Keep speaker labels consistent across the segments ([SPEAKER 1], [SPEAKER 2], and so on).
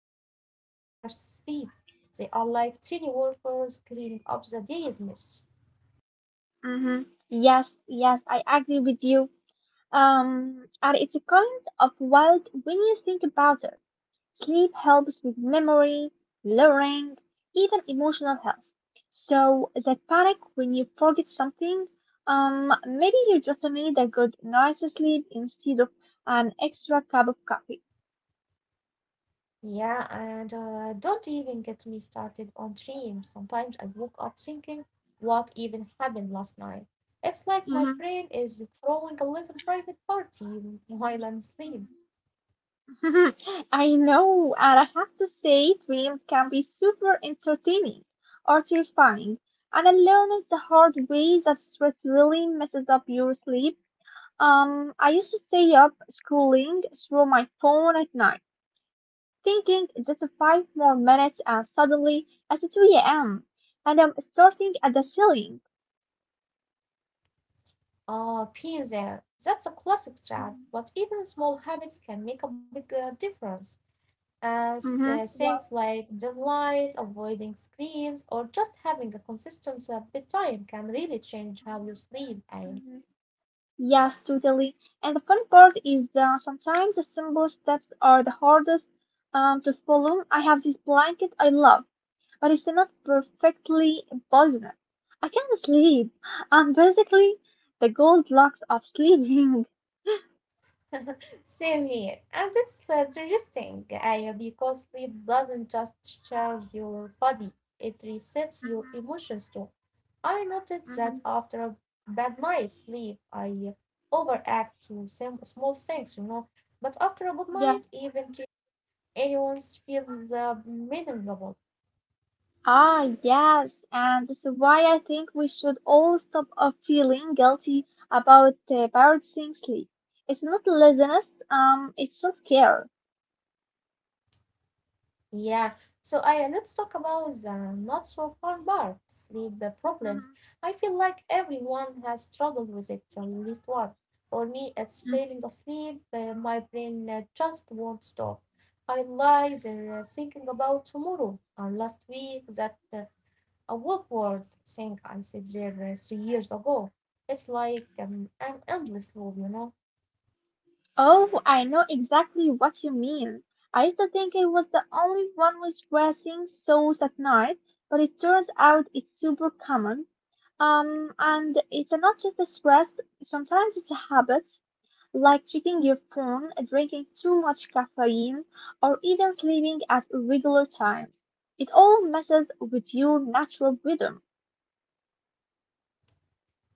[SPEAKER 1] when you we are asleep. They are like tiny workers cleaning up the day's mess.
[SPEAKER 2] Yes, yes, I agree with you. And it's a kind of wild when you think about it. Sleep helps with memory, learning, even emotional health. So that panic when you forget something, maybe you just need a good night's sleep instead of an extra cup of coffee.
[SPEAKER 1] Yeah, and don't even get me started on dreams. Sometimes I woke up thinking, what even happened last night? It's like my
[SPEAKER 2] Mhm.
[SPEAKER 1] brain is throwing a little private party while I'm asleep.
[SPEAKER 2] I know, and I have to say, dreams can be super entertaining or terrifying. And I learned the hard way that stress really messes up your sleep. I used to stay up scrolling through my phone at night, thinking just five more minutes, and suddenly it's 2 a.m. and I'm starting at the ceiling.
[SPEAKER 1] Ah, being there. That's a classic trap, but even small habits can make a big difference.
[SPEAKER 2] Mm-hmm. Yeah.
[SPEAKER 1] Things like dim lights, avoiding screens, or just having a consistent bedtime can really change how you
[SPEAKER 2] Mm-hmm.
[SPEAKER 1] sleep. And
[SPEAKER 2] Mm-hmm. Yes, totally. And the fun part is that sometimes the simple steps are the hardest to follow. I have this blanket I love, but it's not perfectly buttoned. I can't sleep. I'm basically the Goldilocks of sleeping.
[SPEAKER 1] same here, and it's interesting, Aya, because sleep doesn't just charge your body, it resets your
[SPEAKER 2] Mhm,
[SPEAKER 1] emotions too. I noticed that
[SPEAKER 2] mhm.
[SPEAKER 1] after a bad night's sleep, I overact to some small things, you know, but after a good
[SPEAKER 2] Yeah.
[SPEAKER 1] night, even to anyone feels meaningful.
[SPEAKER 2] Ah, yes. And this is why I think we should all stop feeling guilty about prioritizing sleep. It's not laziness, it's self-care.
[SPEAKER 1] Yeah. So I let's talk about the not so fun part, sleep problems.
[SPEAKER 2] Mhm.
[SPEAKER 1] I feel like everyone has struggled with it at least one. For me, it's
[SPEAKER 2] Mhm.
[SPEAKER 1] falling asleep. My brain just won't stop. I lie there thinking about tomorrow and last week that a awkward thing I said there 3 years ago. It's like an endless loop, you know.
[SPEAKER 2] Oh, I know exactly what you mean. I used to think it was the only one with dressing souls at night, but it turns out it's super common. And it's not just a stress, sometimes it's habits, like checking your phone, drinking too much caffeine, or even sleeping at irregular times. It all messes with your natural rhythm.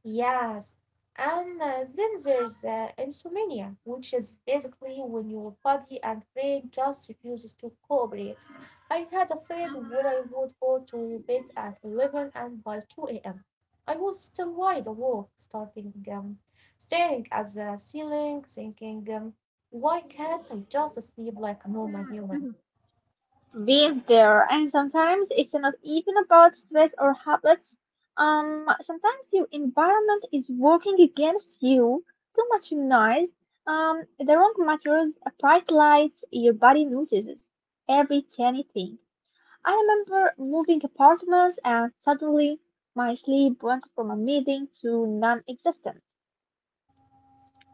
[SPEAKER 1] Yes, and then there's insomnia, which is basically when your body and brain just refuses to cooperate. I had a phase where I would go to bed at 11 and by 2 a.m. I was still wide awake, starting staring at the ceiling, thinking, why can't I just sleep like a normal human?
[SPEAKER 2] Be there. And sometimes it's not even about stress or habits. Sometimes your environment is working against you. Too much noise, the wrong materials, a bright light, your body notices every tiny thing. I remember moving apartments and suddenly my sleep went from a meeting to non-existent.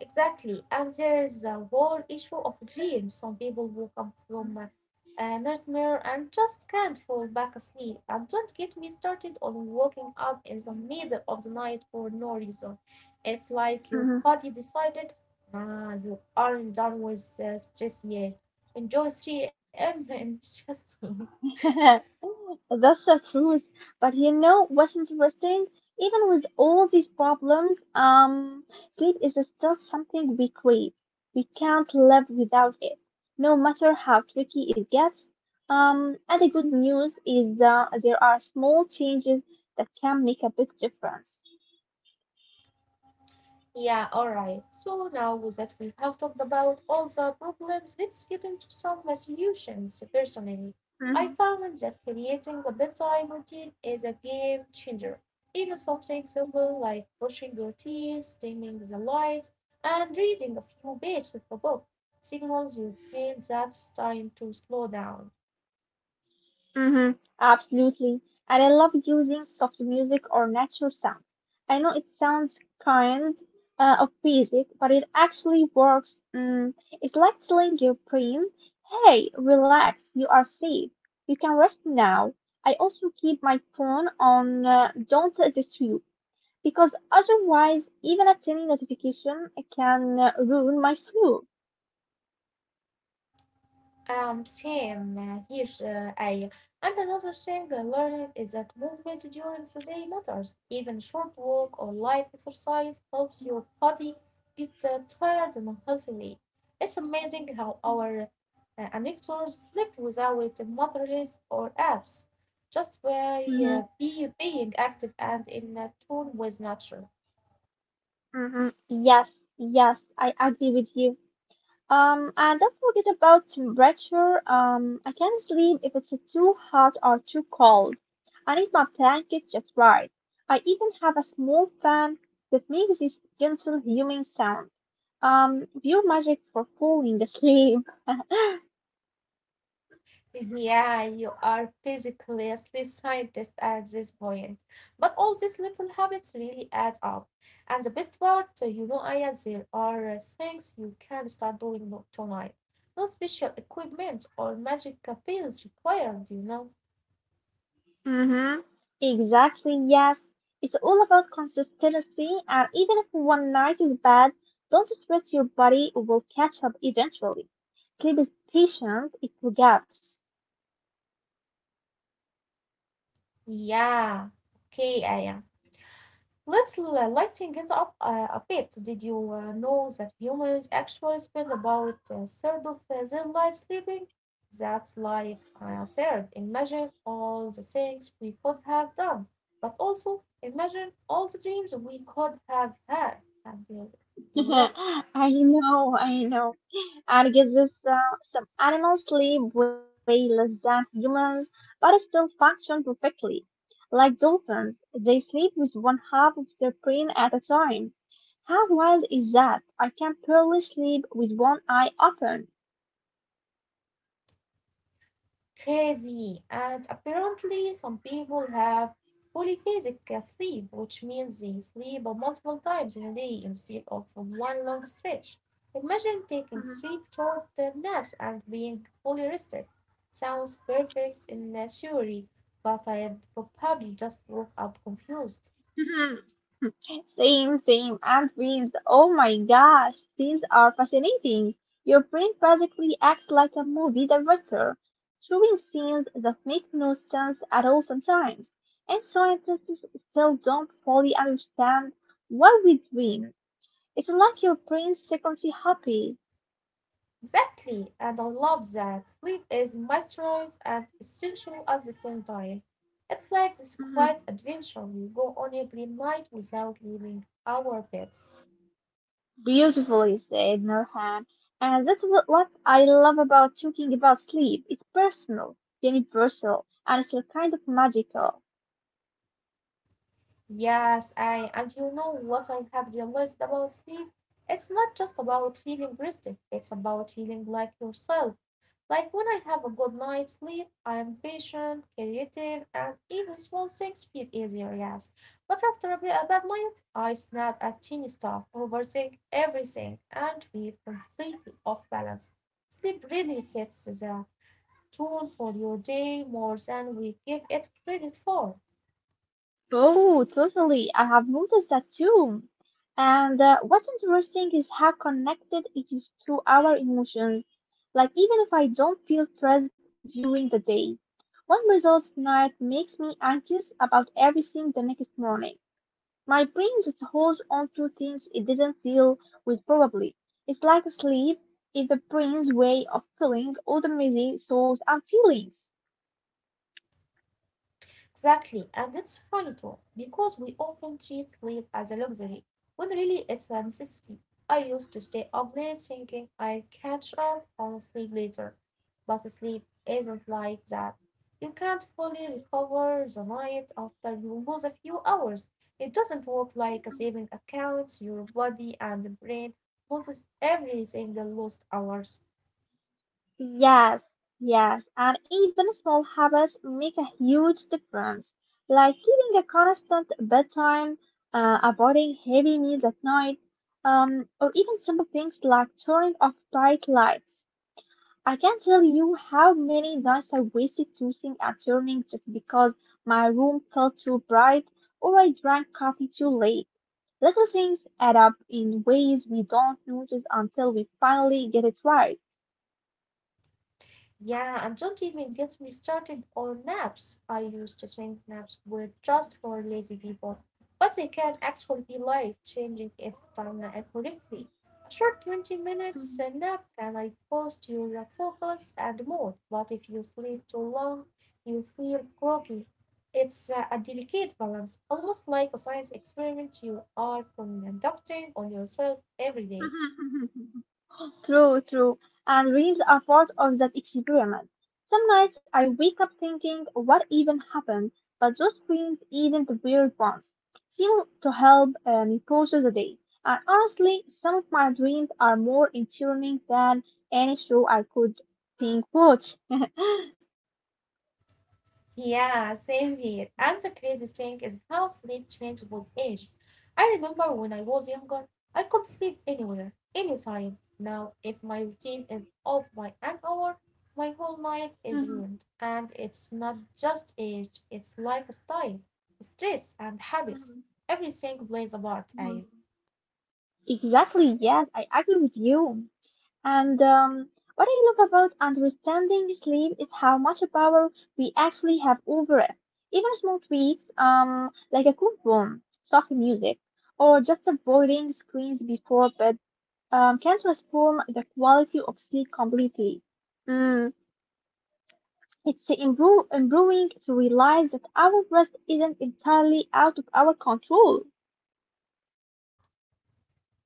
[SPEAKER 1] Exactly. And there is the whole issue of dreams. Some people wake up from a nightmare and just can't fall back asleep. And don't get me started on waking up in the middle of the night for no reason. It's like your body decided, nah, you aren't done with stress yet. Enjoy 3 a.m. and just
[SPEAKER 2] That's the truth. But you know what's interesting? Even with all these problems, sleep is still something we crave. We can't live without it, no matter how tricky it gets. And the good news is there are small changes that can make a big difference.
[SPEAKER 1] yeah, all right. So now that we have talked about all the problems, let's get into some solutions. Personally, I found that creating a bedtime routine is a game changer. Even something simple like brushing your teeth, dimming the lights, and reading a few pages of a book signals your brain that it's time to slow down.
[SPEAKER 2] Mm-hmm, absolutely. And I love using soft music or natural sounds. I know it sounds kind of basic, but it actually works. Mm, it's like telling your brain, hey, relax, you are safe. You can rest now. I also keep my phone on don't distress you because otherwise, even a tiny notification can ruin my flow.
[SPEAKER 1] Same here. I And another thing I learned is that movement during the day matters. Even a short walk or light exercise helps your body get tired and healthily. It's amazing how our anecdotes sleep without mattress or apps, just by
[SPEAKER 2] Mm-hmm,
[SPEAKER 1] being active and in tune with nature.
[SPEAKER 2] mm-hmm. Yes, yes, I agree with you. And don't forget about temperature. I can't sleep if it's too hot or too cold. I need my blanket just right. I even have a small fan that makes this gentle humming sound. Pure magic for falling asleep.
[SPEAKER 1] Yeah, you are physically a sleep scientist at this point. But all these little habits really add up. And the best part, you know, Aya, there are things you can start doing tonight. No special equipment or magic pills required, you know?
[SPEAKER 2] Mm-hmm. Exactly, yes. It's all about consistency, and even if one night is bad, don't stress your body, it will catch up eventually. Sleep is patient, it forgives.
[SPEAKER 1] Yeah. Okay, Aya. Let's lighten it up a bit. Did you know that humans actually spend about a third of their life sleeping? That's like a third. Imagine all the things we could have done, but also imagine all the dreams we could have had. And, uh, you know,
[SPEAKER 2] I know, I know. Arguses some animals sleep way less than humans, but still function perfectly. Like dolphins, they sleep with one half of their brain at a time. How wild is that? I can barely sleep with one eye open.
[SPEAKER 1] Crazy. And apparently, some people have polyphasic sleep, which means they sleep multiple times in a day instead of one long stretch. Imagine taking
[SPEAKER 2] Mhm.
[SPEAKER 1] three short naps and being fully rested. Sounds perfect in theory, but I'd probably just woke up confused.
[SPEAKER 2] Same, same. And prints. Oh my gosh, these are fascinating. Your brain basically acts like a movie director, showing scenes that make no sense at all sometimes. And scientists still don't fully understand what we dream. It's like your brain's secretly happy.
[SPEAKER 1] Exactly, and I love that. Sleep is mysterious and essential at the same time. It's like this quiet
[SPEAKER 2] Mhm.
[SPEAKER 1] adventure we go on every night without leaving our beds.
[SPEAKER 2] Beautifully said, Nurhan. And that's what I love about talking about sleep. It's personal, universal, and it's like kind of magical.
[SPEAKER 1] Yes, I and you know what I have realized about sleep? It's not just about feeling rested, it's about feeling like yourself. Like when I have a good night's sleep, I'm patient, creative, and even small things feel easier, yes. But after a bad night, I snap at teeny stuff, overthink everything, and feel completely off balance. Sleep really sets the tone for your day more than we give it credit for.
[SPEAKER 2] Oh, totally. I have noticed that too. And what's interesting is how connected it is to our emotions. Like, even if I don't feel stressed during the day, one results night makes me anxious about everything the next morning. My brain just holds on to things it didn't deal with probably. It's like sleep is the brain's way of filling all the messy thoughts and feelings.
[SPEAKER 1] Exactly, and it's funny too, because we often treat sleep as a luxury, when really it's a necessity. I used to stay up late thinking I'd catch up on sleep later, but sleep isn't like that. You can't fully recover the night after you lose a few hours. It doesn't work like a saving account. Your body and brain loses every single lost hours.
[SPEAKER 2] Yes, yes, and even small habits make a huge difference, like keeping a constant bedtime, avoiding heavy meals at night, or even simple things like turning off bright lights. I can't tell you how many nights I wasted tossing and turning just because my room felt too bright or I drank coffee too late. Little things add up in ways we don't notice until we finally get it right.
[SPEAKER 1] Yeah, and don't even get me started on naps. I used to think naps were just for lazy people, but they can actually be life changing if done correctly. A short 20 minutes nap can like boost your focus and mood, but if you sleep too long, you feel groggy. It's a delicate balance, almost like a science experiment you are conducting on yourself every day.
[SPEAKER 2] True, true. And dreams are part of that experiment. Some nights I wake up thinking, what even happened? But those dreams, even the weird ones, seem to help me process the day. And honestly, some of my dreams are more entertaining than any show I could binge watch.
[SPEAKER 1] Yeah, same here. And the crazy thing is how sleep changes with age. I remember when I was younger, I could sleep anywhere, anytime. Now, if my routine is off by an hour, my whole night is
[SPEAKER 2] Mhm,
[SPEAKER 1] ruined. And it's not just age, it's lifestyle, stress, and habits.
[SPEAKER 2] mhm,
[SPEAKER 1] Everything plays a part, Aya.
[SPEAKER 2] mhm. Exactly, yes, I agree with you. And what I love about understanding sleep is how much power we actually have over it. Even small tweaks, like a cool room, soft music, or just avoiding screens before bed, can transform the quality of sleep completely. Mm, it's improving to realize that our rest isn't entirely out of our control.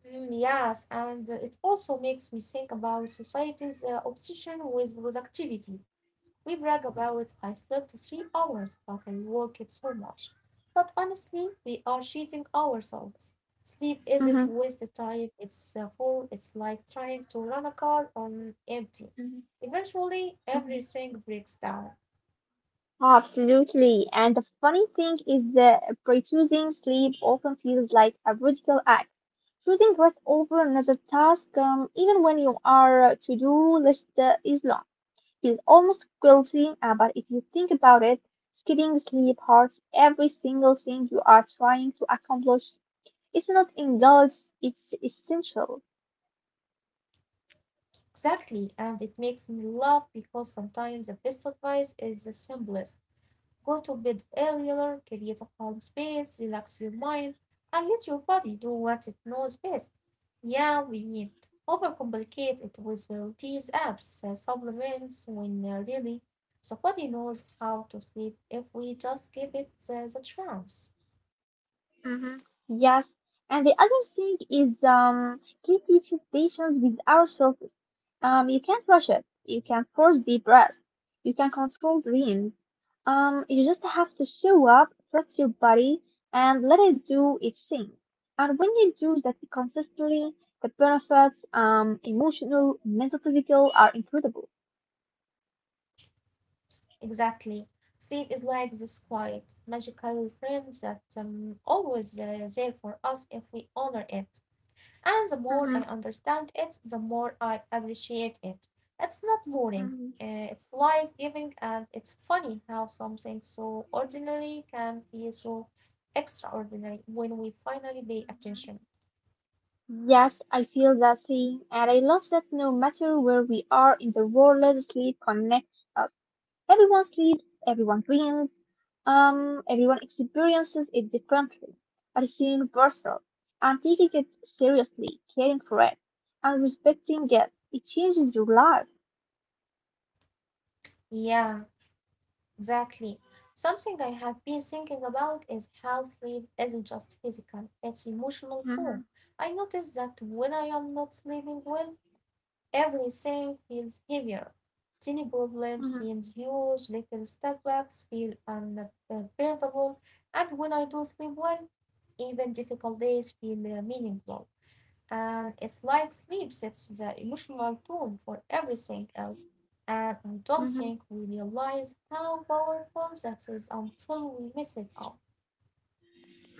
[SPEAKER 1] Mm, yes, and it also makes me think about society's obsession with productivity. We brag about I slept 3 hours, but I worked so much. But honestly, we are cheating ourselves. Sleep isn't
[SPEAKER 2] Mhm,
[SPEAKER 1] wasted time, it's like trying to run a car on empty.
[SPEAKER 2] mhm,
[SPEAKER 1] Eventually,
[SPEAKER 2] mhm.
[SPEAKER 1] everything breaks down.
[SPEAKER 2] Absolutely. And the funny thing is that pre-choosing sleep often feels like a radical act. Choosing rest over another task, even when you are to-do list is long, feels almost guilty. But if you think about it, skipping sleep hurts every single thing you are trying to accomplish. It's not indulged, it's essential.
[SPEAKER 1] Exactly, and it makes me laugh because sometimes the best advice is the simplest. Go to bed earlier, create a calm space, relax your mind, and let your body do what it knows best. Yeah, we overcomplicate it with the routines, apps, supplements, when really the body knows how to sleep if we just give it the chance.
[SPEAKER 2] Hmm Yes, and the other thing is sleep teaches patience with our surface. You can't rush it. You can force deep breaths. You can control dreams. You just have to show up, trust your body, and let it do its thing. And when you do that consistently, the benefits, emotional, mental, physical, are incredible.
[SPEAKER 1] Exactly. Sleep is like this quiet, magical friend that always there for us if we honor it. And the more I
[SPEAKER 2] Hmm
[SPEAKER 1] understand it, the more I appreciate it. It's not boring,
[SPEAKER 2] hmm
[SPEAKER 1] it's life giving, and it's funny how something so ordinary can feel so extraordinary when we finally pay attention.
[SPEAKER 2] Yes, I feel that same, and I love that no matter where we are in the world, sleep connects us. Everyone sleeps, everyone dreams, everyone experiences it differently, but it's universal. And taking it seriously, caring for it, and respecting it, it changes your life.
[SPEAKER 1] Yeah, exactly. Something I have been thinking about is how sleep isn't just physical, it's emotional too.
[SPEAKER 2] Hmm
[SPEAKER 1] I notice that when I am not sleeping well, everything feels heavier. Tiny problems seem huge, little setbacks feel unbearable, and when I do sleep well, even difficult days feel meaningful. And it's like sleep sets the emotional tone for everything else. And I don't
[SPEAKER 2] hmm
[SPEAKER 1] think we realize how powerful that is until we mess it up.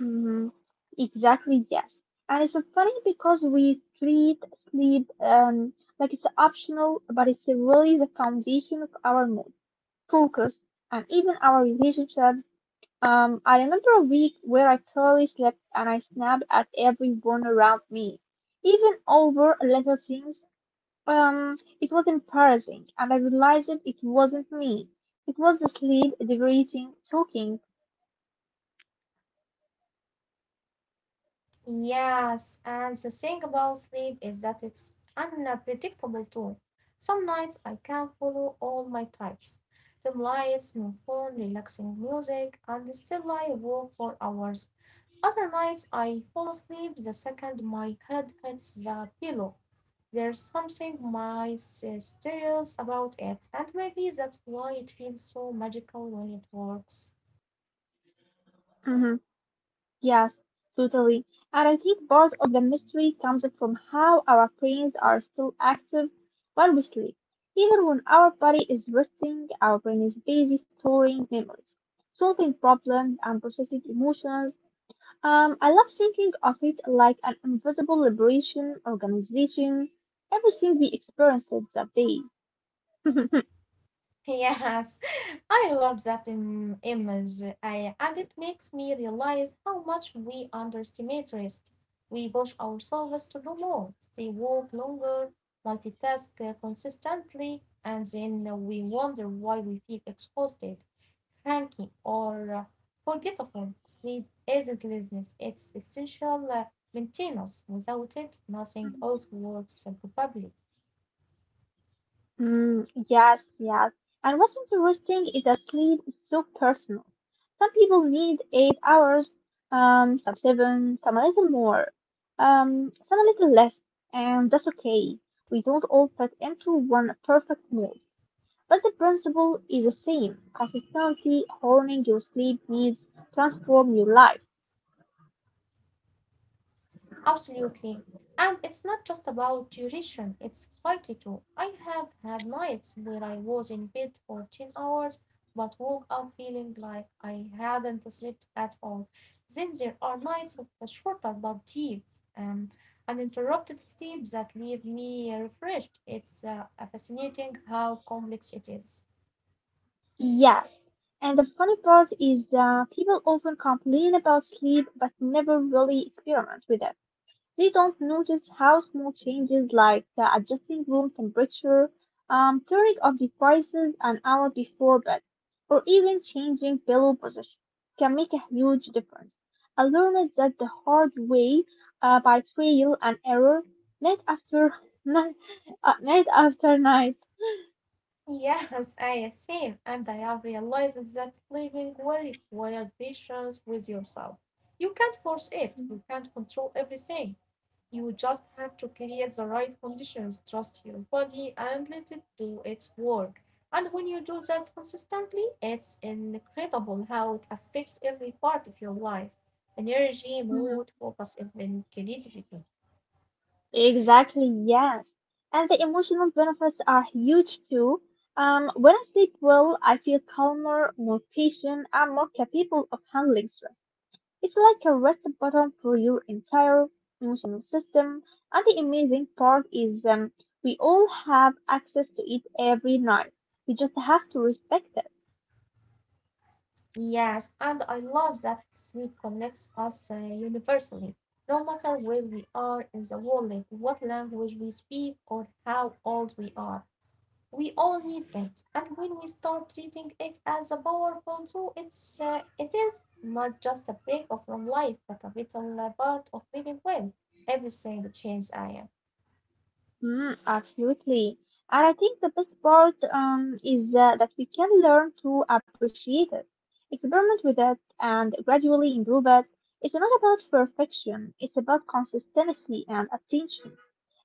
[SPEAKER 2] Mhm. Exactly, yes. And it's so funny because we treat sleep like it's optional, but it's really the foundation of our mood, focus, and even our relationships. I remember a week where I barely slept and I snapped at everyone around me, even over little things. It was embarrassing, and I realized it wasn't me. It was the sleep, the rating, talking.
[SPEAKER 1] Yes, and the thing about sleep is that it's unpredictable too. Some nights I can follow all my types. Dim lights, no phone, relaxing music, and still I walk for hours. Other nights I fall asleep the second my head hits the pillow. There's something mysterious about it, and maybe that's why it feels so magical when it works.
[SPEAKER 2] Mm-hmm. Yes, totally. And I think part of the mystery comes from how our brains are still active while we sleep. Even when our body is resting, our brain is busy storing memories, solving problems, and processing emotions. I love thinking of it like an invisible liberation organization, everything we experienced that day.
[SPEAKER 1] Yes, I love that image, I, and it makes me realize how much we underestimate rest. We push ourselves to do more, stay woke longer, multitask consistently, and then we wonder why we feel exhausted, cranky, or forgetful. Sleep isn't laziness, it's essential maintenance. Without it, nothing else works probably.
[SPEAKER 2] Mm, yes, yes. And what's interesting is that sleep is so personal. Some people need 8 hours, some seven, some a little more, some a little less, and that's okay. We don't all fit into one perfect mold, but the principle is the same. Consistency, honing your sleep needs, transform your life.
[SPEAKER 1] Absolutely. And it's not just about duration, it's likely to. I have had nights where I was in bed for 10 hours but woke up feeling like I hadn't slept at all. Then there are nights of the shorter but deep, um, uninterrupted sleep that leave me refreshed. It's fascinating how complex it is.
[SPEAKER 2] Yes. And the funny part is that people often complain about sleep but never really experiment with it. They don't notice how small changes like adjusting room temperature, turning off devices an hour before bed, or even changing pillow position can make a huge difference. I learned that the hard way by trial and error, night after night, night after night.
[SPEAKER 1] Yes, I assume, and I have realized that living well requires patience with yourself. You can't force it, you can't control everything. You just have to create the right conditions, trust your body, and let it do its work. And when you do that consistently, it's incredible how it affects every part of your life energy, mood, focus, even creativity.
[SPEAKER 2] Exactly, yes. And the emotional benefits are huge too. When I sleep well, I feel calmer, more patient, and more capable of handling stress. It's like a reset button for your entire emotional system. And the amazing part is we all have access to it every night. We just have to respect it.
[SPEAKER 1] Yes, and I love that sleep connects us universally, no matter where we are in the world, like what language we speak, or how old we are. We all need it, and when we start treating it as a powerful tool, it is not just a break off from life, but a vital part of living well. Everything changes, I am.
[SPEAKER 2] Mm, absolutely. And I think the best part is that we can learn to appreciate it, experiment with it, and gradually improve it. It's not about perfection, it's about consistency and attention.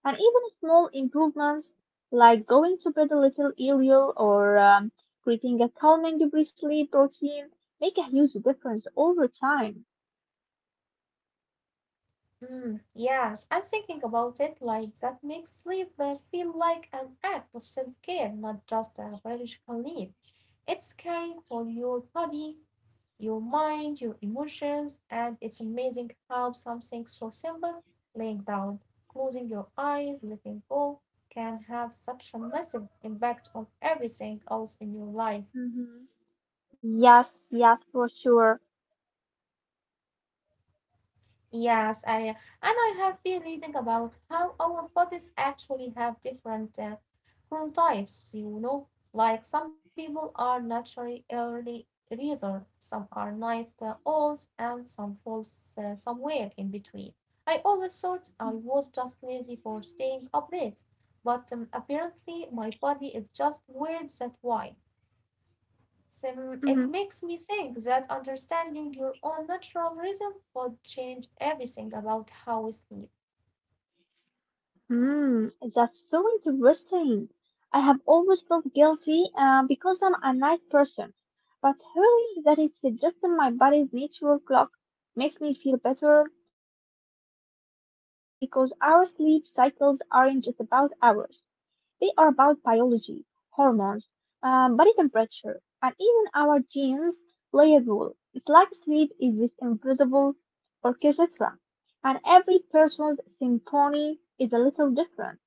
[SPEAKER 2] And even small improvements like going to bed a little earlier or creating a calming pre sleep routine make a huge difference over time.
[SPEAKER 1] Mm, yes, and thinking about it like that makes sleep feel like an act of self care, not just a biological need. It's caring for your body, your mind, your emotions, and it's amazing how something so simple, laying down, closing your eyes, letting go, can have such a massive impact on everything else in your life.
[SPEAKER 2] Hmm Yes, yes, for sure.
[SPEAKER 1] Yes, I and I have been reading about how our bodies actually have different chronotypes, you know, like some people are naturally early riser, some are night owls, and some falls somewhere in between. I always thought I was just lazy for staying up late, but apparently my body is just weird that way. Sim, it
[SPEAKER 2] Mhm.
[SPEAKER 1] makes me think that understanding your own natural rhythm would change everything about how we sleep.
[SPEAKER 2] Hmm, that's so interesting. I have always felt guilty because I'm a night person, but hearing that it's just in my body's natural clock makes me feel better, and it's fascinating because our sleep cycles aren't just about hours. They are about biology, hormones, body temperature, and even our genes play a role. It's like sleep is this invisible orchestra, and every person's symphony is a little different.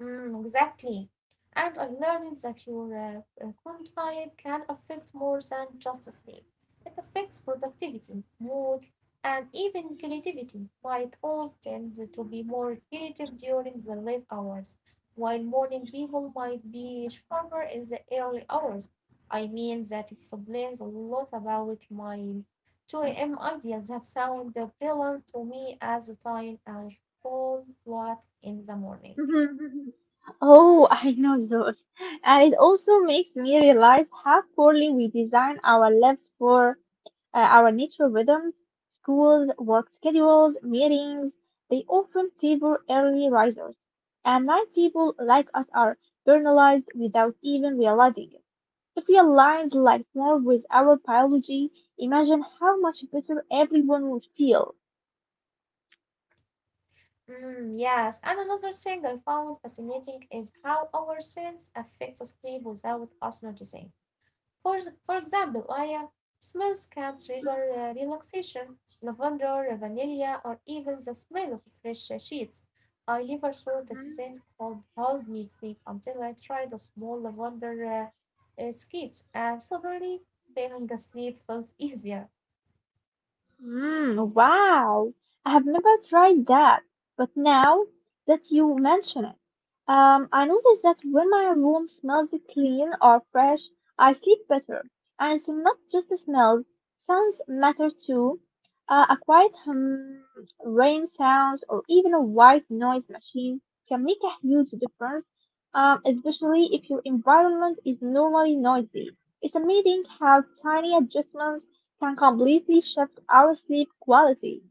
[SPEAKER 1] Mm, exactly. And I learned that your clone type can affect more than just sleep. It affects productivity, mood, and even creativity. My toes tend to be more creative during the late hours, while morning people might be sharper in the early hours. I mean, that explains a lot about my 2 a.m. ideas that sound brilliant to me at the time I fall flat in the morning.
[SPEAKER 2] Oh, I know those. And it also makes me realize how poorly we design our lives for our natural rhythms, schools, work schedules, meetings, they often favor early risers. And night people like us are burnalized without even realizing it. If we aligned like more with our biology, imagine how much better everyone would feel.
[SPEAKER 1] Mm, yes, and another thing I found fascinating is how our sense affects sleep without us noticing. For example, I smells can trigger relaxation, lavender, vanilla, or even the smell of fresh sheets. I never thought a scent could hold me sleep until I tried a small lavender sketch, and suddenly falling asleep felt easier.
[SPEAKER 2] Wow, I have never tried that. But now that you mention it, I notice that when my room smells clean or fresh, I sleep better. And it's not just the smells, sounds matter too. A quiet hum, rain sound, or even a white noise machine can make a huge difference, especially if your environment is normally noisy. It's amazing how tiny adjustments can completely shift our sleep quality.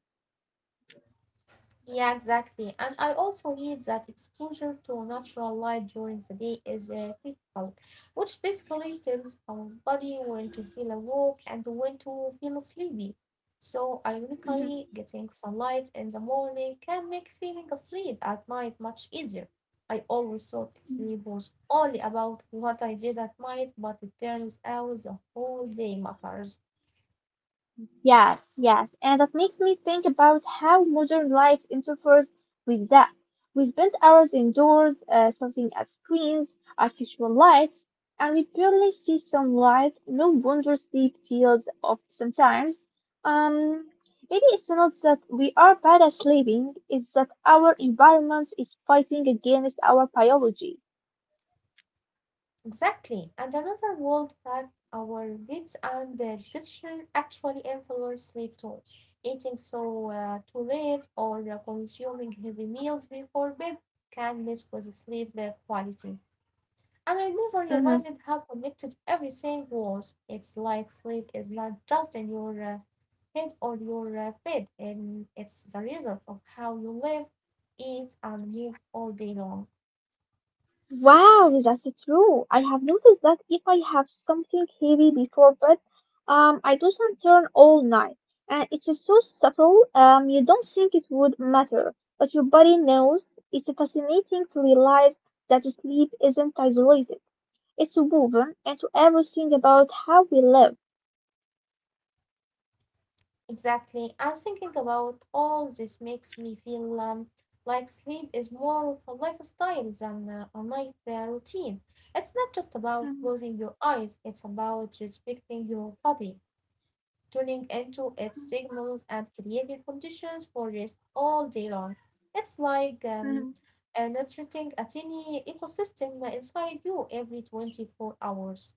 [SPEAKER 1] Yeah, exactly. And I also read that exposure to natural light during the day is critical, which basically tells our body when to feel awake and when to feel sleepy. So, ironically,
[SPEAKER 2] Mhm.
[SPEAKER 1] getting sunlight in the morning can make feeling asleep at night much easier. I always thought sleep was only about what I did at night, but it turns out the whole day matters.
[SPEAKER 2] Yes, yes, and that makes me think about how modern life interferes with that. We spend hours indoors, surfing at screens, artificial lights, and we barely see sunlight. No wonder sleep feels off sometimes. Um, Maybe it's not that we are bad at sleeping; it's that our environment is fighting against our biology.
[SPEAKER 1] Exactly. And another world fact our weights and digestion actually influence sleep too. Eating so too late or consuming heavy meals before bed can mess with sleep quality. And I never realized how connected everything was. It's like sleep is not just in your head or your bed, and it's the result of how you live, eat, and move all day long.
[SPEAKER 2] Wow, that's true. I have noticed that if I have something heavy before bed, I doesn't turn all night, and it's so subtle. You don't think it would matter, but your body knows. It's fascinating to realize that sleep isn't isolated; it's woven into everything about how we live.
[SPEAKER 1] Exactly. And thinking about all this makes me feel like sleep is more of a lifestyle than a night routine. It's not just about closing your eyes, it's about respecting your body, tuning into its signals, and creating conditions for rest all day long. It's like
[SPEAKER 2] Mhm.
[SPEAKER 1] nurturing a tiny ecosystem inside you every 24 hours.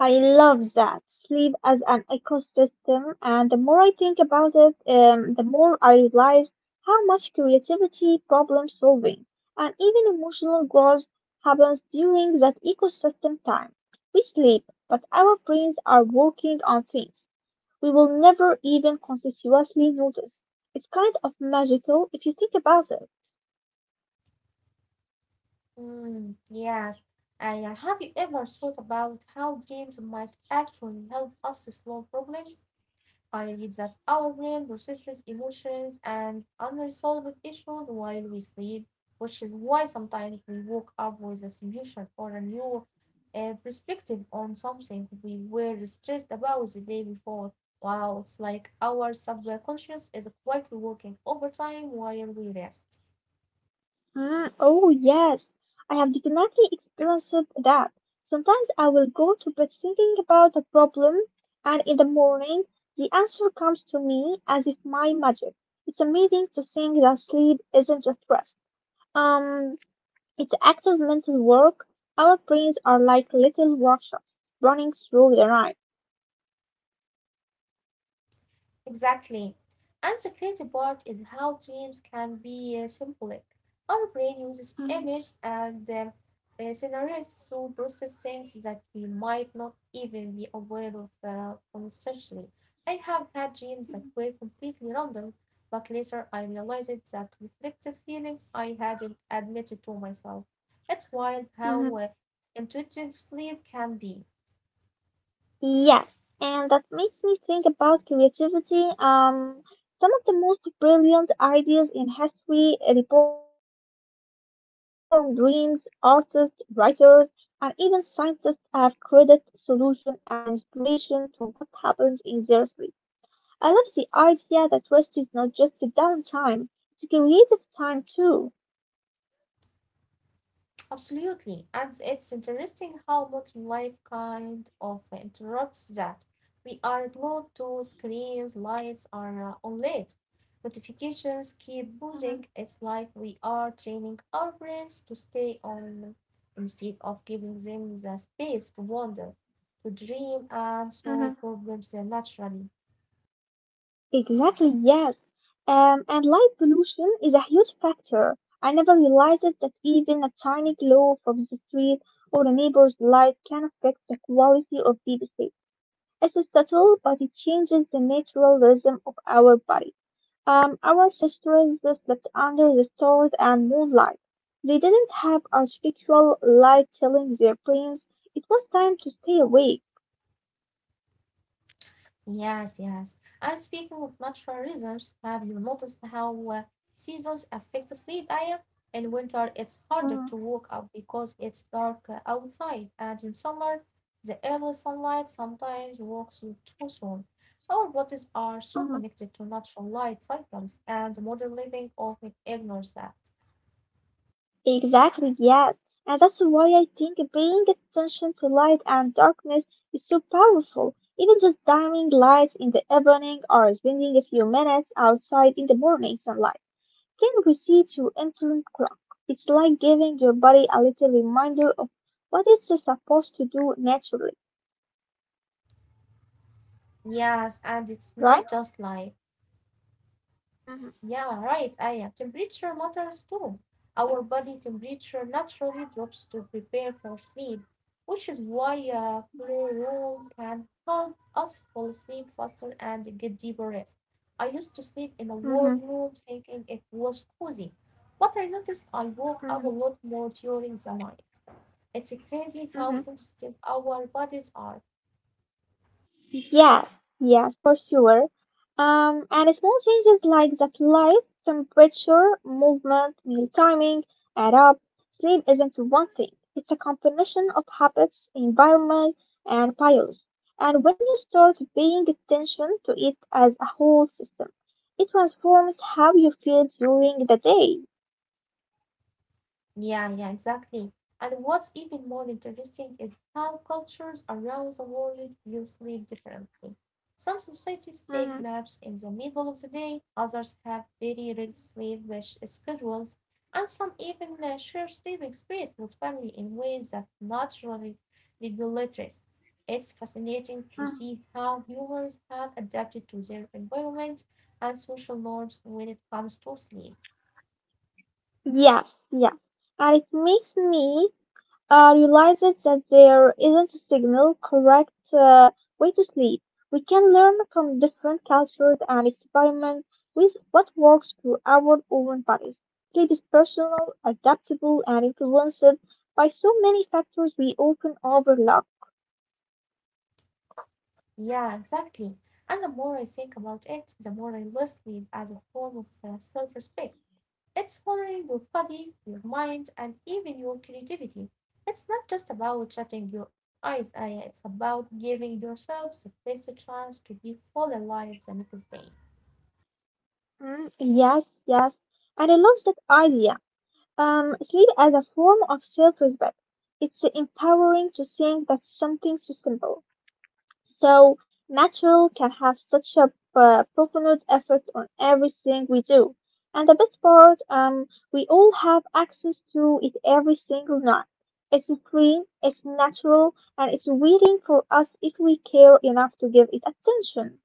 [SPEAKER 2] I love that. Sleep as an ecosystem, and the more I think about it, the more I realize how much creativity, problem solving, and even emotional growth happens during that ecosystem time. We sleep, but our brains are working on things we will never even consciously notice. It's kind of magical if you think about it.
[SPEAKER 1] Mm, yes. And have you ever thought about how dreams might actually help us solve problems? I read that our brain processes emotions and unresolved issues while we sleep, which is why sometimes we woke up with a solution or a new perspective on something we were stressed about the day before. Wow, it's like our subconscious is quietly working overtime while we rest.
[SPEAKER 2] Mm, oh yes, I have definitely experienced that. Sometimes I will go to bed thinking about a problem, and in the morning the answer comes to me as if my magic. It's amazing to think that sleep isn't just rest. Um, it's active mental work. Our brains are like little workshops running through the night.
[SPEAKER 1] Exactly. And the crazy part is how dreams can be symbolic. Our brain uses images and scenarios to process things that we might not even be aware of consciously. I have had dreams that were completely random, but later I realized that reflected feelings I hadn't admitted to myself. It's wild how
[SPEAKER 2] Mhm.
[SPEAKER 1] intuitive sleep can be.
[SPEAKER 2] Yes, and that makes me think about creativity. Some of the most brilliant ideas in history reportedly came from dreams artists, writers, and even scientists have credit, solution, and inspiration to what happened in their sleep. I love the idea that rest is not just a downtime; it's a creative time too.
[SPEAKER 1] Absolutely. And it's interesting how modern life kind of interrupts that. We are glued to screens, lights are on late, notifications keep
[SPEAKER 2] Mhm,
[SPEAKER 1] buzzing. It's like we are training our brains to stay on instead of giving them the space to wander, to dream, and solve
[SPEAKER 2] mhm.
[SPEAKER 1] problems naturally.
[SPEAKER 2] Exactly, yes. And light pollution is a huge factor. I never realized that even a tiny glow from the street or a neighbor's light can affect the quality of deep sleep. It's subtle, but it changes the natural rhythm of our body. Our ancestors slept under the stars and moonlight. They didn't have artificial light telling their brains it was time to stay awake.
[SPEAKER 1] Yes, yes. And speaking of natural rhythms, have you noticed how seasons affect sleep, Aya? In winter, it's harder to
[SPEAKER 2] Mm,
[SPEAKER 1] wake up because it's dark outside, and in summer, the early sunlight sometimes wakes you too soon. Our bodies are so
[SPEAKER 2] mm.
[SPEAKER 1] connected to natural light cycles, and modern living often ignores that.
[SPEAKER 2] Exactly, yes. And that's why I think paying attention to light and darkness is so powerful. Even just dimming lights in the evening or spending a few minutes outside in the morning sunlight can reset your internal clock. It's like giving your body a little reminder of what it's supposed to do naturally,
[SPEAKER 1] Yes, and it's not
[SPEAKER 2] right?
[SPEAKER 1] just light.
[SPEAKER 2] Hmm.
[SPEAKER 1] Yeah, right, Aya. Temperature matters too. Our body temperature naturally drops to prepare for sleep, which is why a cool room can help us fall asleep faster and get deeper rest. I used to sleep in a
[SPEAKER 2] Hmm.
[SPEAKER 1] warm room thinking it was cozy, but I noticed I woke
[SPEAKER 2] Hmm.
[SPEAKER 1] up a lot more during the night. It's crazy how
[SPEAKER 2] Hmm.
[SPEAKER 1] sensitive our bodies are.
[SPEAKER 2] Yes, yes, for sure. And small changes like that light, temperature, movement, meal timing, add up. Sleep isn't one thing. It's a combination of habits, environment, and biology. And when you start paying attention to it as a whole system, it transforms how you feel during the day.
[SPEAKER 1] Yeah, exactly. And what's even more interesting is how cultures around the world view sleep differently. Some societies take
[SPEAKER 2] Mhm,
[SPEAKER 1] naps in the middle of the day, others have very rigid schedules, and some even share sleeping space with family in ways that naturally regulate rest. It's fascinating to
[SPEAKER 2] mhm.
[SPEAKER 1] see how humans have adapted to their environment and social norms when it comes to sleep.
[SPEAKER 2] Yes, yes. And it makes me realizes that there isn't a single correct way to sleep. We can learn from different cultures and experiment with what works for our own bodies. Sleep is personal, adaptable, and influenced by so many factors we often overlook.
[SPEAKER 1] Yeah, exactly. And the more I think about it, the more I list it as a form of self respect. It's honoring your body, your mind, and even your creativity. It's not just about shutting your eyes, it's about giving yourself the best chance to be full alive the next day.
[SPEAKER 2] Mm, yes, yes. And I love that idea. Sleep as a form of self-respect. It's empowering to think that something so simple so, natural can have such a profound effect on everything we do. And the best part, we all have access to it every single night. It's free, it's natural, and it's waiting for us if we care enough to give it attention.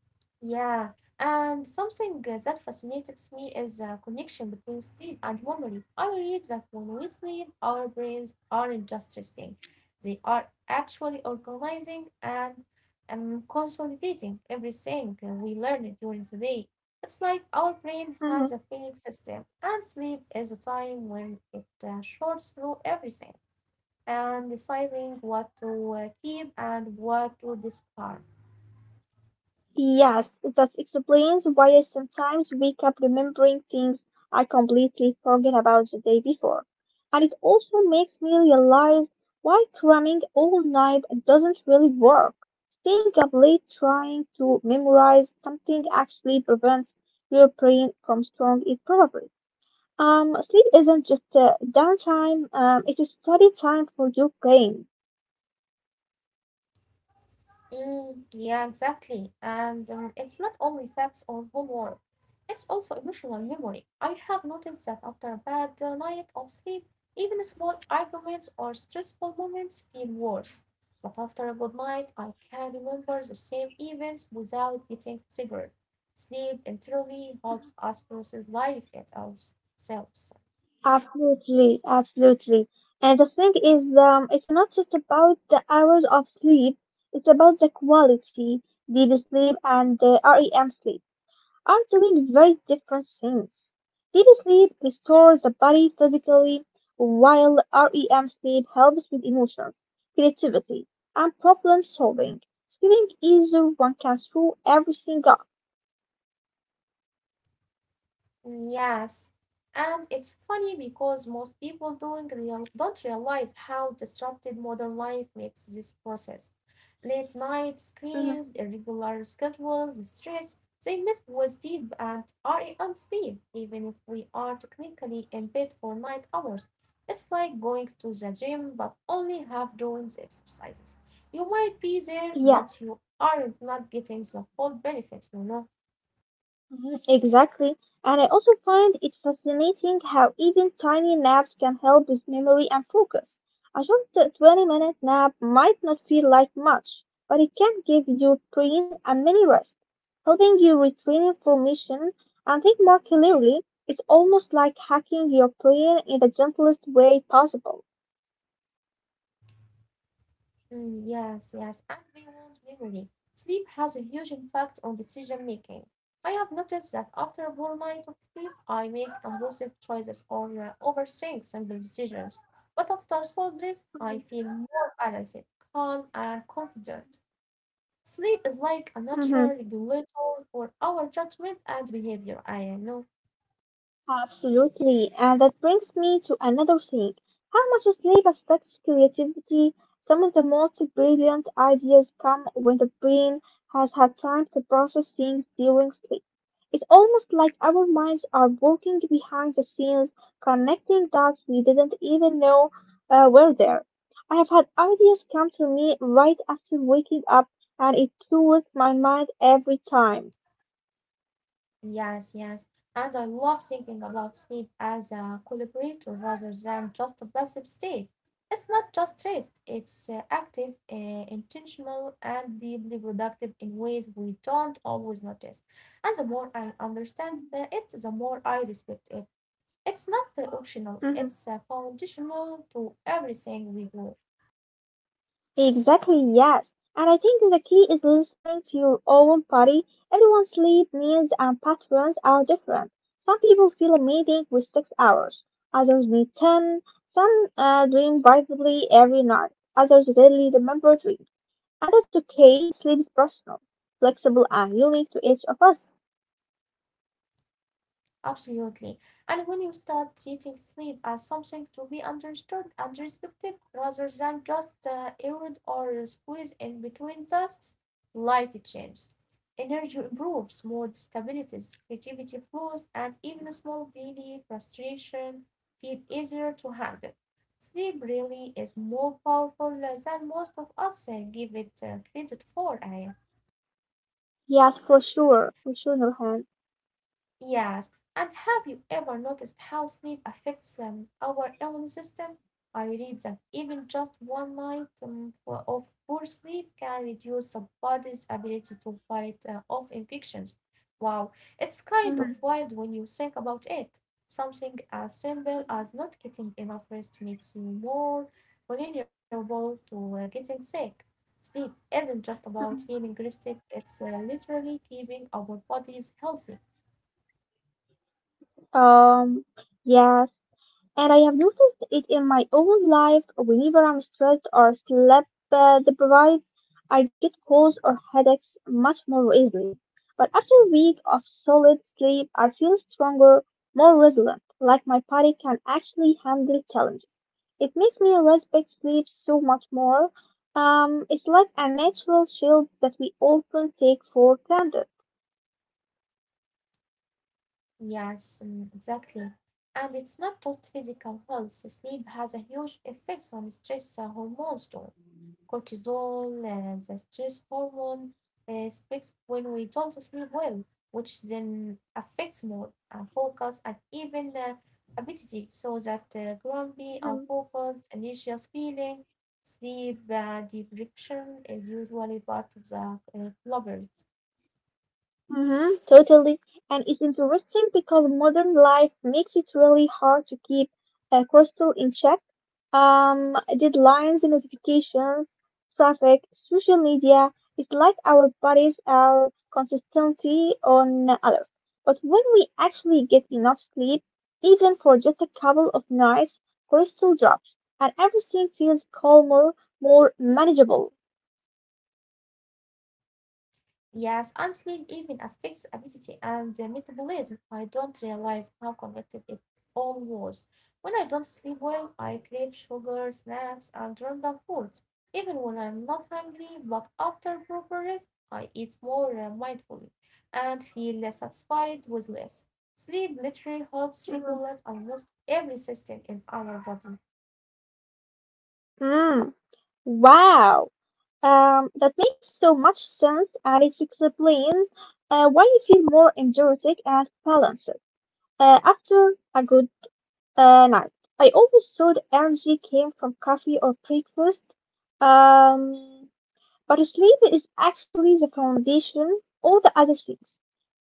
[SPEAKER 1] Yeah, and something that fascinates me is the connection between sleep and memory. I read that when we sleep, our brains aren't just resting, they are actually organizing and consolidating everything we learned during the day. It's like our brain
[SPEAKER 2] Mm-hmm.
[SPEAKER 1] has a feeding system, and sleep is a time when it sorts through everything and deciding what to keep and what to discard.
[SPEAKER 2] Yes, that explains why I sometimes wake up remembering things I completely forgot about the day before. And it also makes me realize why cramming all night doesn't really work. Staying up late trying to memorize something actually prevents your brain from strong it probably. Sleep isn't just downtime, it's study time for your brain.
[SPEAKER 1] Mm, yeah, exactly. And it's not only facts or homework, it's also emotional memory. I have noticed that after a bad night of sleep, even small arguments or stressful moments feel worse. But after a good night, I can remember the same events without getting triggered. Sleep entirely helps us process life itself.
[SPEAKER 2] Absolutely, absolutely. And the thing is, it's not just about the hours of sleep, it's about the quality, deep sleep and the REM sleep are doing very different things. Deep sleep restores the body physically, while REM sleep helps with emotions, creativity, and problem solving. Sleeping easier, one can throw everything up.
[SPEAKER 1] Mm, yes, and it's funny because most people don't realize how disrupted modern life makes this process. Late night screens,
[SPEAKER 2] Mhm.
[SPEAKER 1] irregular schedules, stress, they miss was deep and are on sleep, even if we are technically in bed for night hours. It's like going to the gym but only half doing the exercises. You might be there, but you aren't not getting the full benefit, you know.
[SPEAKER 2] Mhm, exactly. And I also find it fascinating how even tiny naps can help with memory and focus. A short 20-minute nap might not feel like much, but it can give your brain a mini rest, helping you retrain information and think more clearly. It's almost like hacking your brain in the gentlest way possible.
[SPEAKER 1] Mm, yes, and beyond memory. Sleep has a huge impact on decision making. I have noticed that after a whole night of sleep, I make impulsive choices or overthink simple decisions. But after solid rest, I feel more balanced, calm, and confident. Sleep is like a
[SPEAKER 2] Mhm.
[SPEAKER 1] natural regulator for our judgment and behavior, I know.
[SPEAKER 2] Absolutely. And that brings me to another thing. How much sleep affects creativity? Some of the most brilliant ideas come when the brain has had time to process things during sleep. It's almost like our minds are working behind the scenes, connecting dots we didn't even know were there. I have had ideas come to me right after waking up, and it throws my mind every time.
[SPEAKER 1] Yes, yes. And I love thinking about sleep as a collaborator rather than just a passive state. It's not just rest, it's active, intentional, and deeply productive in ways we don't always notice. And the more I understand it, the more I respect it. It's not optional, it's foundational to everything we do.
[SPEAKER 2] Exactly, yes. And I think the key is listening to your own body. Everyone's sleep needs and patterns are different. Some people feel amazing with 6 hours, others need 10, some dream vividly every night, others rarely remember dreams. And that's okay, sleep is personal, flexible, and unique to each of us.
[SPEAKER 1] Absolutely. And when you start treating sleep as something to be understood and respected rather than just errand or squeeze in between tasks, life changes. Energy improves, mood stabilizes, creativity flows, and even small daily frustration feel easier to handle. Sleep really is more powerful than most of us give it credit for, Aya.
[SPEAKER 2] Yes, for sure, Nurhan.
[SPEAKER 1] Yes, and have you ever noticed how sleep affects our immune system? I read that even just one night of poor sleep can reduce the body's ability to fight off infections. Wow, it's kind of
[SPEAKER 2] Mhm.
[SPEAKER 1] wild when you think about it. Something as simple as not getting enough rest makes you more vulnerable to getting sick. Sleep isn't just about feeling rested, it's literally keeping our bodies healthy.
[SPEAKER 2] Um, yes. And I have noticed it in my own life. Whenever I'm stressed or sleep deprived, I get colds or headaches much more easily. But after a week of solid sleep, I feel stronger, more resilient, like my body can actually handle challenges. It makes me respect sleep so much more. It's like a natural shield that we often take for granted.
[SPEAKER 1] Yes, mm, exactly. And it's not just physical health. Sleep has a huge effect on stress hormones too. Cortisol, the stress hormone, spikes when we don't sleep well, which then affects mood, focus, and even appetite. So that grumpy, unfocused, anxious feeling, sleep deprivation is usually part of the culprit.
[SPEAKER 2] Mhm, totally. And it's interesting because modern life makes it really hard to keep a crystal in check. Deadlines and notifications, traffic, social media. It's like our bodies are consistently on alert. But when we actually get enough sleep, even for just a couple of nights, crystal drops and everything feels calmer, more manageable.
[SPEAKER 1] Yes, and sleep even affects appetite and metabolism. I don't realize how connected it all was. When I don't sleep well, I crave sugar, snacks, and random foods. Even when I'm not hungry, but after proper rest, I eat more mindfully and feel less satisfied with less. Sleep literally helps
[SPEAKER 2] Mhm.
[SPEAKER 1] regulate almost every system in our body.
[SPEAKER 2] Mm, wow. That makes so much sense, and it explains why you feel more energetic and balanced after a good night. I always thought energy came from coffee or breakfast, um, but sleep is actually the foundation. All the other things,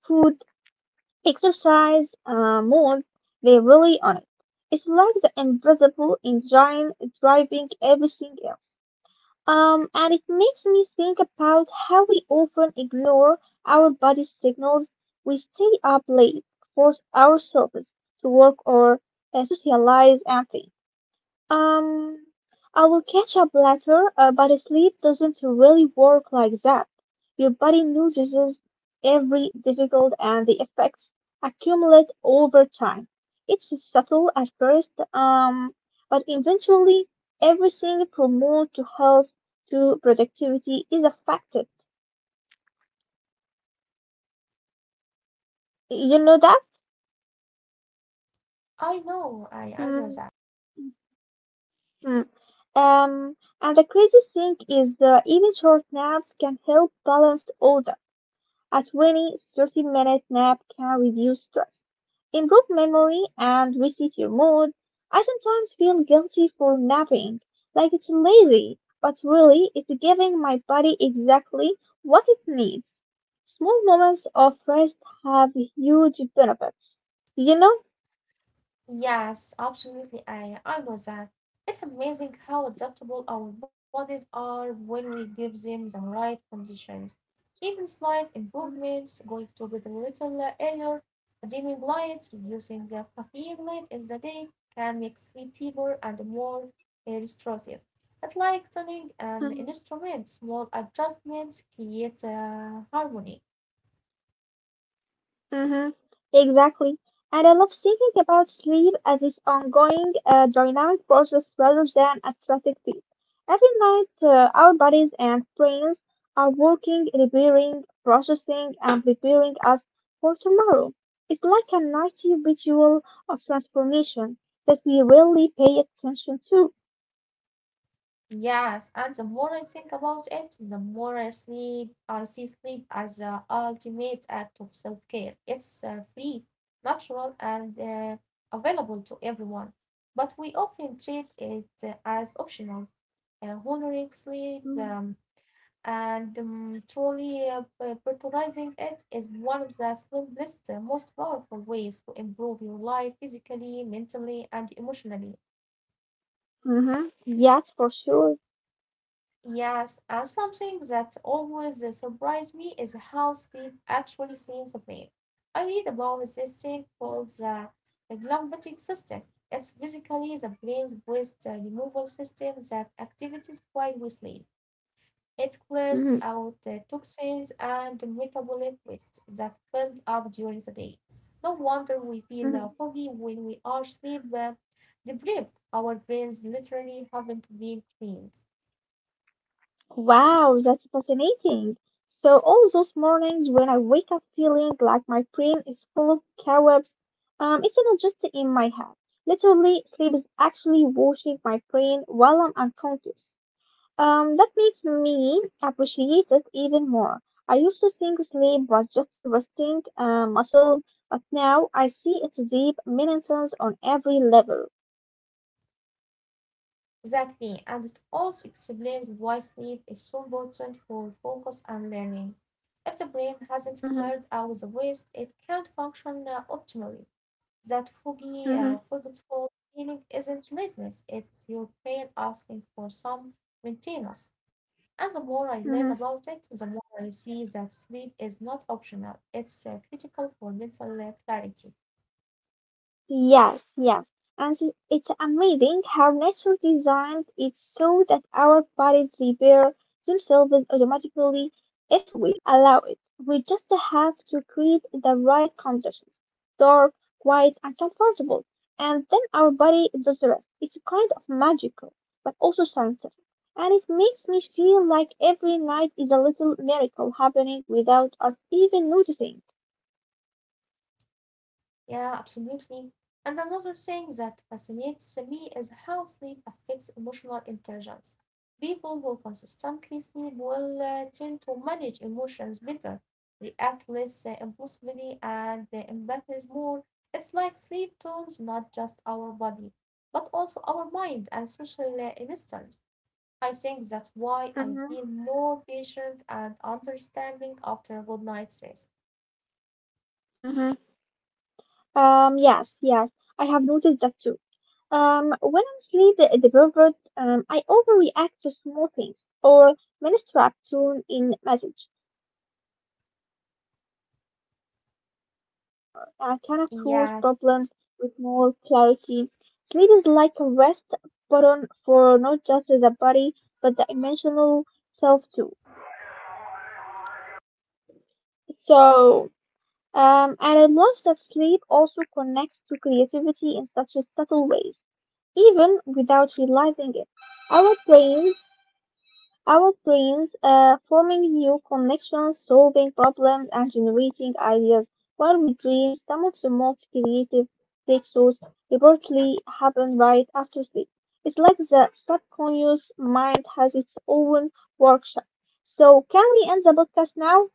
[SPEAKER 2] food, exercise, mood, they rely on it. It's like the invisible engine driving everything else. And it makes me think about how we often ignore our body's signals. We stay up late, force ourselves to work or socialize and think. Um, I will catch up later, but sleep doesn't really work like that. Your body notices every difficult and the effects accumulate over time. It's subtle at first, but eventually everything from mood to health to productivity is affected. You know that?
[SPEAKER 1] I know
[SPEAKER 2] Mm.
[SPEAKER 1] that.
[SPEAKER 2] Mm. Um, and the crazy thing is, even short naps can help balance all that. A 20-30 30-minute nap can reduce stress, improve memory, and reset your mood. I sometimes feel guilty for napping, like it's lazy, but really it's giving my body exactly what it needs. Small moments of rest have huge benefits. You know?
[SPEAKER 1] Yes, absolutely, I know that. It's amazing how adaptable our bodies are when we give them the right conditions. Even slight improvements, going to bed a little earlier, dimming lights, reducing caffeine late in the day, can make sleep deeper and more restorative. But like tuning an instrument, small adjustments create harmony.
[SPEAKER 2] Mm-hmm. Exactly. And I love thinking about sleep as this ongoing dynamic process rather than a static thing. Every night, our bodies and brains are working, repairing, processing, and preparing us for tomorrow. It's like a nightly ritual of transformation that we rarely pay attention to.
[SPEAKER 1] Yes, and the more I think about it, the more I sleep. I see sleep as the ultimate act of self-care. It's free, natural, and available to everyone. But we often treat it as optional, honoring sleep and truly prioritizing it is one of the simplest, most powerful ways to improve your life physically, mentally, and emotionally.
[SPEAKER 2] Mm-hmm. Yes, for sure.
[SPEAKER 1] Yes, and something that always surprised me is how Steve actually cleans the plane. I read about this thing called the glymphatic system. It's basically the brain's waste removal system that activates while we sleep. It clears out
[SPEAKER 2] Mm-hmm.
[SPEAKER 1] toxins and metabolic waste that build up during the day. No wonder we feel
[SPEAKER 2] Mm-hmm.
[SPEAKER 1] foggy when we are sleep deprived. Our brains literally haven't been cleaned.
[SPEAKER 2] Wow, that's fascinating. So all those mornings when I wake up feeling like my brain is full of cobwebs, it's not just in my head. Literally, sleep is actually washing my brain while I'm unconscious. That makes me appreciate it even more. I used to think sleep was just resting muscles, but now I see its deep meanings on every level.
[SPEAKER 1] Exactly, and it also explains why sleep is so important for focus and learning. If the brain hasn't cleared
[SPEAKER 2] Mhm,
[SPEAKER 1] out the waste, it can't function optimally. That foggy,
[SPEAKER 2] mhm,
[SPEAKER 1] forgetful feeling isn't laziness, it's your brain asking for some maintenance. And the more I learn
[SPEAKER 2] mhm.
[SPEAKER 1] about it, the more I see that sleep is not optional, it's critical for mental clarity.
[SPEAKER 2] Yes, yes. And it's amazing how nature designed it so that our bodies repair themselves automatically if we allow it. We just have to create the right conditions, dark, quiet, and comfortable. And then our body does the rest. It's kind of magical, but also scientific. And it makes me feel like every night is a little miracle happening without us even noticing.
[SPEAKER 1] Yeah, absolutely. And another thing that fascinates me is how sleep affects emotional intelligence. People who consistently sleep will tend to manage emotions better, react less impulsively, and empathize more. It's like sleep tones not just our body, but also our mind and social instinct. I think that's why I
[SPEAKER 2] Mm-hmm.
[SPEAKER 1] feel more patient and understanding after a good night's rest.
[SPEAKER 2] Yes, yes, I have noticed that too. When I'm sleep deprived, I overreact to small things or misread tone in message. I can approach
[SPEAKER 1] Yes.
[SPEAKER 2] problems with more clarity. Sleep is like a rest button for not just the body but the emotional self too. So, and I love that sleep also connects to creativity in such a subtle ways even without realizing it. Our brains Our brains forming new connections, solving problems, and generating ideas. While we dream, some of the most creative breakthroughs reportedly happen right after sleep. It's like the subconscious mind has its own workshop. So, can we end the podcast now?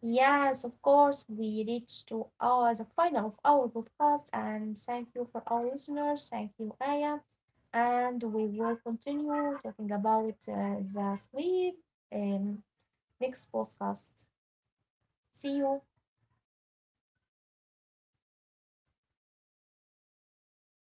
[SPEAKER 1] Yes, of course, we reached to our the final of our podcast, and thank you for our listeners. Thank you, Aya, and we will continue talking about the sleep um, next podcast. See you.